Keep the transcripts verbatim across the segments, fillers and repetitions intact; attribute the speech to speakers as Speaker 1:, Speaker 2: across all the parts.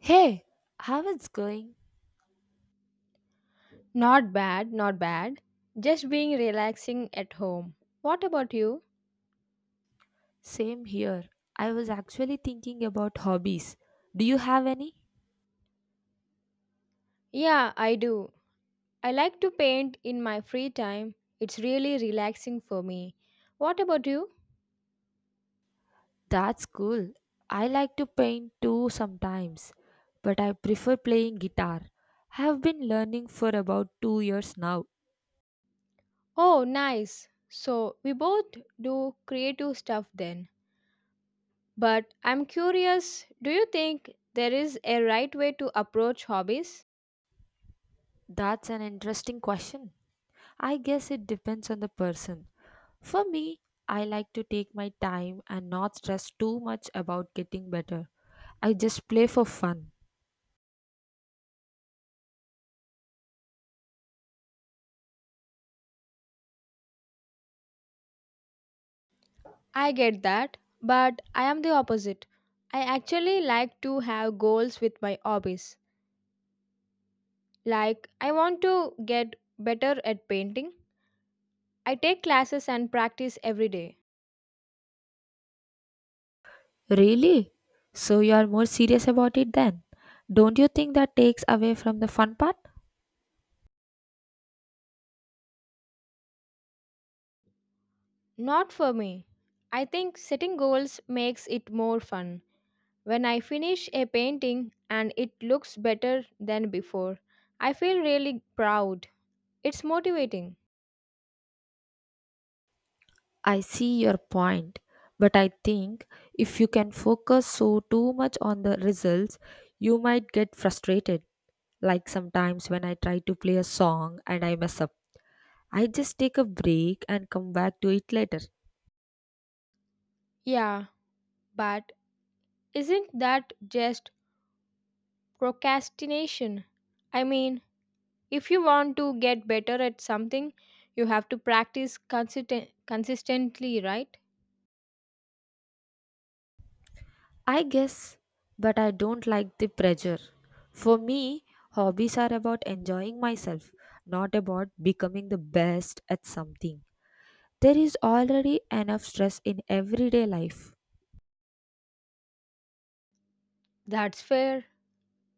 Speaker 1: Hey, how it's going?
Speaker 2: Not bad, not bad. Just being relaxing at home. What about you?
Speaker 1: Same here. I was actually thinking about hobbies. Do you have any?
Speaker 2: Yeah, I do. I like to paint in my free time. It's really relaxing for me. What about you?
Speaker 1: That's cool. I like to paint too sometimes, but I prefer playing guitar. I Have been learning for about two years now.
Speaker 2: Oh, nice. So, we both do creative stuff then. But I'm curious, do you think there is a right way to approach hobbies?
Speaker 1: That's an interesting question. I guess it depends on the person. For me, I like to take my time and not stress too much about getting better. I just play for fun.
Speaker 2: I get that, but I am the opposite. I actually like to have goals with my hobbies. Like, I want to get better at painting. I take classes and practice every day.
Speaker 1: Really? So you are more serious about it then? Don't you think that takes away from the fun part?
Speaker 2: Not for me. I think setting goals makes it more fun. When I finish a painting and it looks better than before, I feel really proud. It's motivating.
Speaker 1: I see your point, but I think if you can focus so too much on the results, you might get frustrated. Like sometimes when I try to play a song and I mess up, I just take a break and come back to it later.
Speaker 2: Yeah, but isn't that just procrastination? I mean, if you want to get better at something, you have to practice consisten- consistently, right?
Speaker 1: I guess, but I don't like the pressure. For me, hobbies are about enjoying myself, not about becoming the best at something. There is already enough stress in everyday life.
Speaker 2: That's fair.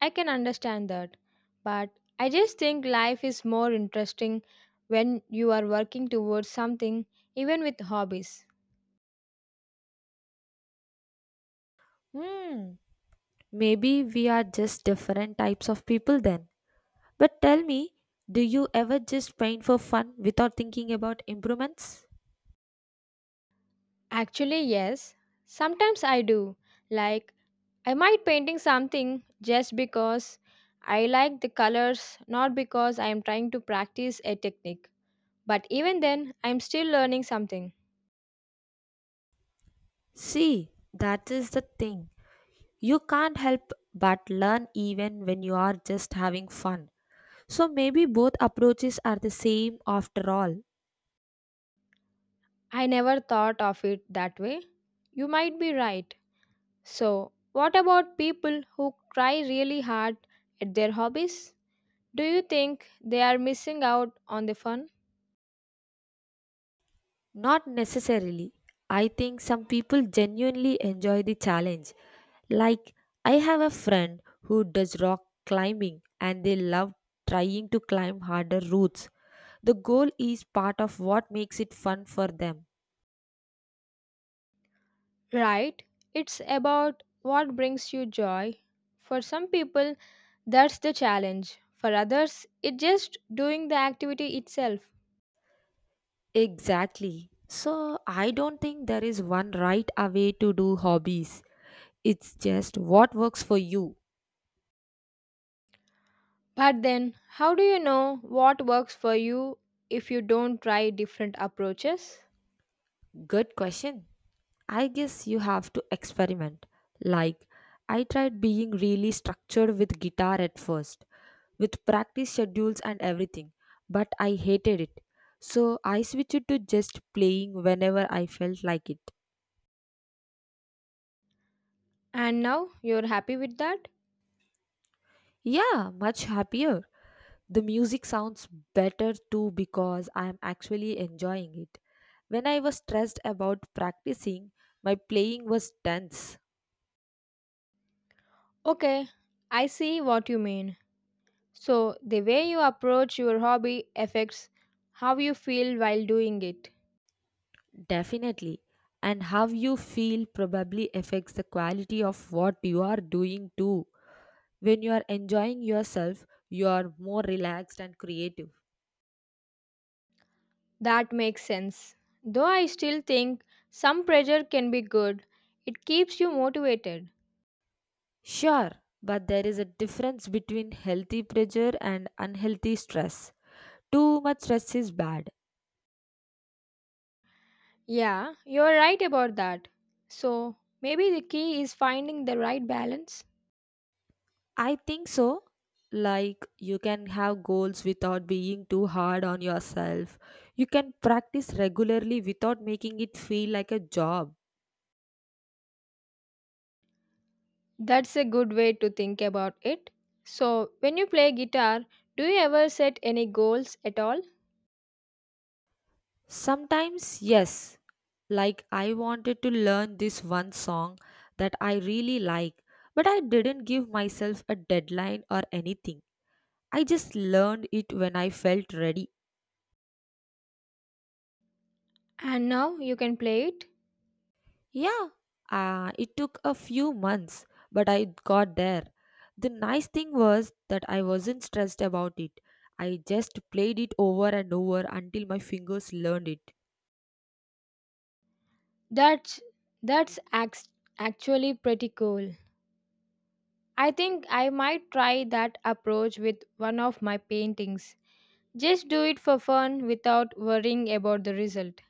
Speaker 2: I can understand that, but I just think life is more interesting when you are working towards something, even with hobbies.
Speaker 1: Hmm, Maybe we are just different types of people then. But tell me, do you ever just paint for fun without thinking about improvements?
Speaker 2: Actually, yes, sometimes I do. Like, I might painting something just because I like the colors, not because I am trying to practice a technique. But even then, I am still learning something.
Speaker 1: See, that is the thing. You can't help but learn even when you are just having fun. So maybe both approaches are the same after all.
Speaker 2: I never thought of it that way. You might be right. So, what about people who try really hard at their hobbies? Do you think they are missing out on the fun?
Speaker 1: Not necessarily. I think some people genuinely enjoy the challenge. Like, I have a friend who does rock climbing and they love trying to climb harder routes. The goal is part of what makes it fun for them.
Speaker 2: Right, it's about what brings you joy. For some people, that's the challenge. For others, it's just doing the activity itself.
Speaker 1: Exactly. So, I don't think there is one right away to do hobbies. It's just what works for you.
Speaker 2: But then, how do you know what works for you if you don't try different approaches?
Speaker 1: Good question. I guess you have to experiment. Like, I tried being really structured with guitar at first, with practice schedules and everything, but I hated it. So I switched to just playing whenever I felt like it.
Speaker 2: And now you're happy with that?
Speaker 1: Yeah, much happier. The music sounds better too because I am actually enjoying it. When I was stressed about practicing, my playing was tense.
Speaker 2: Okay, I see what you mean. So, the way you approach your hobby affects how you feel while doing it.
Speaker 1: Definitely. And how you feel probably affects the quality of what you are doing too. When you are enjoying yourself, you are more relaxed and creative.
Speaker 2: That makes sense. Though I still think some pressure can be good, it keeps you motivated.
Speaker 1: Sure, but there is a difference between healthy pressure and unhealthy stress. Too much stress is bad.
Speaker 2: Yeah, you're right about that. So, maybe the key is finding the right balance.
Speaker 1: I think so. Like, you can have goals without being too hard on yourself. You can practice regularly without making it feel like a job.
Speaker 2: That's a good way to think about it. So, when you play guitar, do you ever set any goals at all?
Speaker 1: Sometimes, yes. Like, I wanted to learn this one song that I really like, but I didn't give myself a deadline or anything. I just learned it when I felt ready.
Speaker 2: And now you can play it?
Speaker 1: Yeah, uh, it took a few months, but I got there. The nice thing was that I wasn't stressed about it. I just played it over and over until my fingers learned it.
Speaker 2: That's that's act- actually pretty cool. I think I might try that approach with one of my paintings. Just do it for fun without worrying about the result.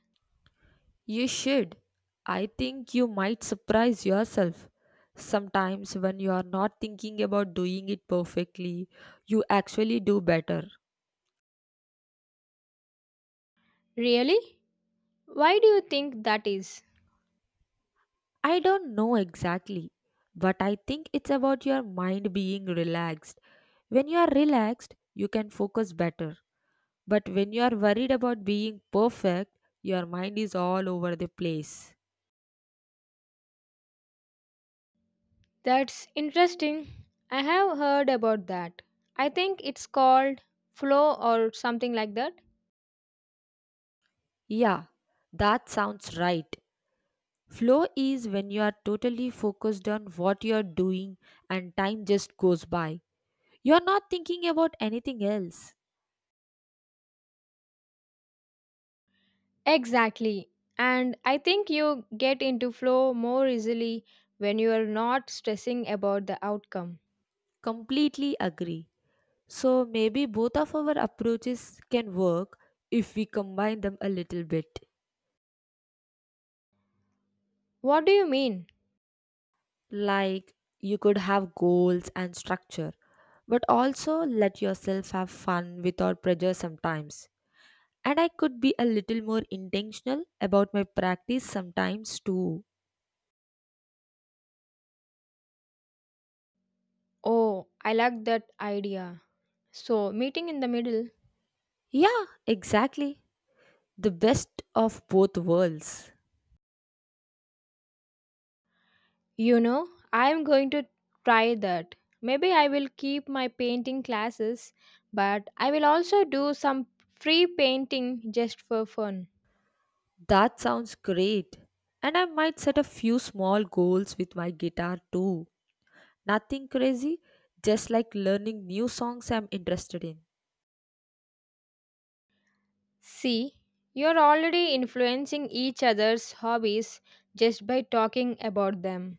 Speaker 1: You should. I think you might surprise yourself. Sometimes, when you are not thinking about doing it perfectly, you actually do better.
Speaker 2: Really? Why do you think that is?
Speaker 1: I don't know exactly, but I think it's about your mind being relaxed. When you are relaxed, you can focus better. But when you are worried about being perfect, your mind is all over the place.
Speaker 2: That's interesting. I have heard about that. I think it's called flow or something like that.
Speaker 1: Yeah, that sounds right. Flow is when you are totally focused on what you are doing and time just goes by. You are not thinking about anything else.
Speaker 2: Exactly. And I think you get into flow more easily when you are not stressing about the outcome.
Speaker 1: Completely agree. So maybe both of our approaches can work if we combine them a little bit.
Speaker 2: What do you mean?
Speaker 1: Like you could have goals and structure, but also let yourself have fun without pressure sometimes. And I could be a little more intentional about my practice sometimes too.
Speaker 2: Oh, I like that idea. So, meeting in the middle,
Speaker 1: Yeah, exactly. The best of both worlds.
Speaker 2: you know, I am going to try that. Maybe I will keep my painting classes, but I will also do some free painting just for fun.
Speaker 1: That sounds great. And I might set a few small goals with my guitar too. Nothing crazy, just like learning new songs I'm interested in.
Speaker 2: See, you're already influencing each other's hobbies just by talking about them.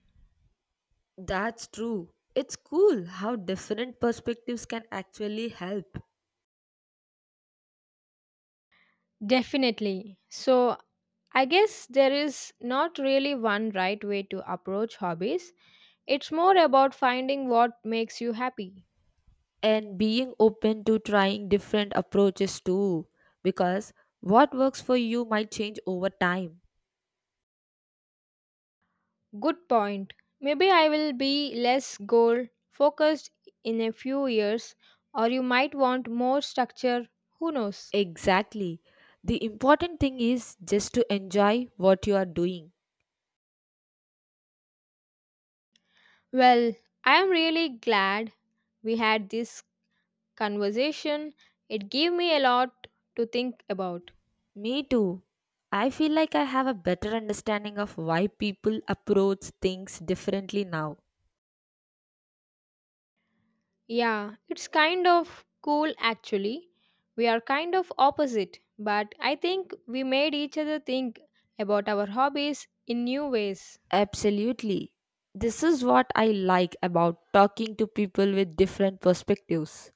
Speaker 1: That's true. It's cool how different perspectives can actually help.
Speaker 2: Definitely. So, I guess there is not really one right way to approach hobbies. It's more about finding what makes you happy.
Speaker 1: And being open to trying different approaches too, because what works for you might change over time.
Speaker 2: Good point. Maybe I will be less goal focused in a few years, or you might want more structure. Who knows?
Speaker 1: Exactly. The important thing is just to enjoy what you are doing.
Speaker 2: Well, I am really glad we had this conversation. It gave me a lot to think about.
Speaker 1: Me too. I feel like I have a better understanding of why people approach things differently now.
Speaker 2: Yeah, it's kind of cool actually. We are kind of opposite, but I think we made each other think about our hobbies in new ways.
Speaker 1: Absolutely. This is what I like about talking to people with different perspectives.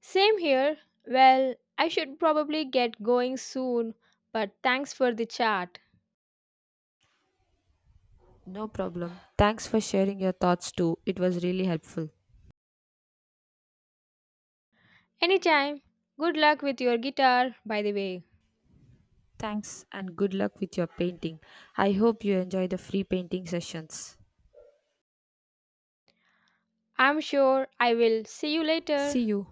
Speaker 2: Same here. Well, I should probably get going soon, but thanks for the chat.
Speaker 1: No problem. Thanks for sharing your thoughts too. It was really helpful.
Speaker 2: Anytime. Good luck with your guitar, by the way.
Speaker 1: Thanks and good luck with your painting. I hope you enjoy the free painting sessions.
Speaker 2: I'm sure I will see you later.
Speaker 1: See you.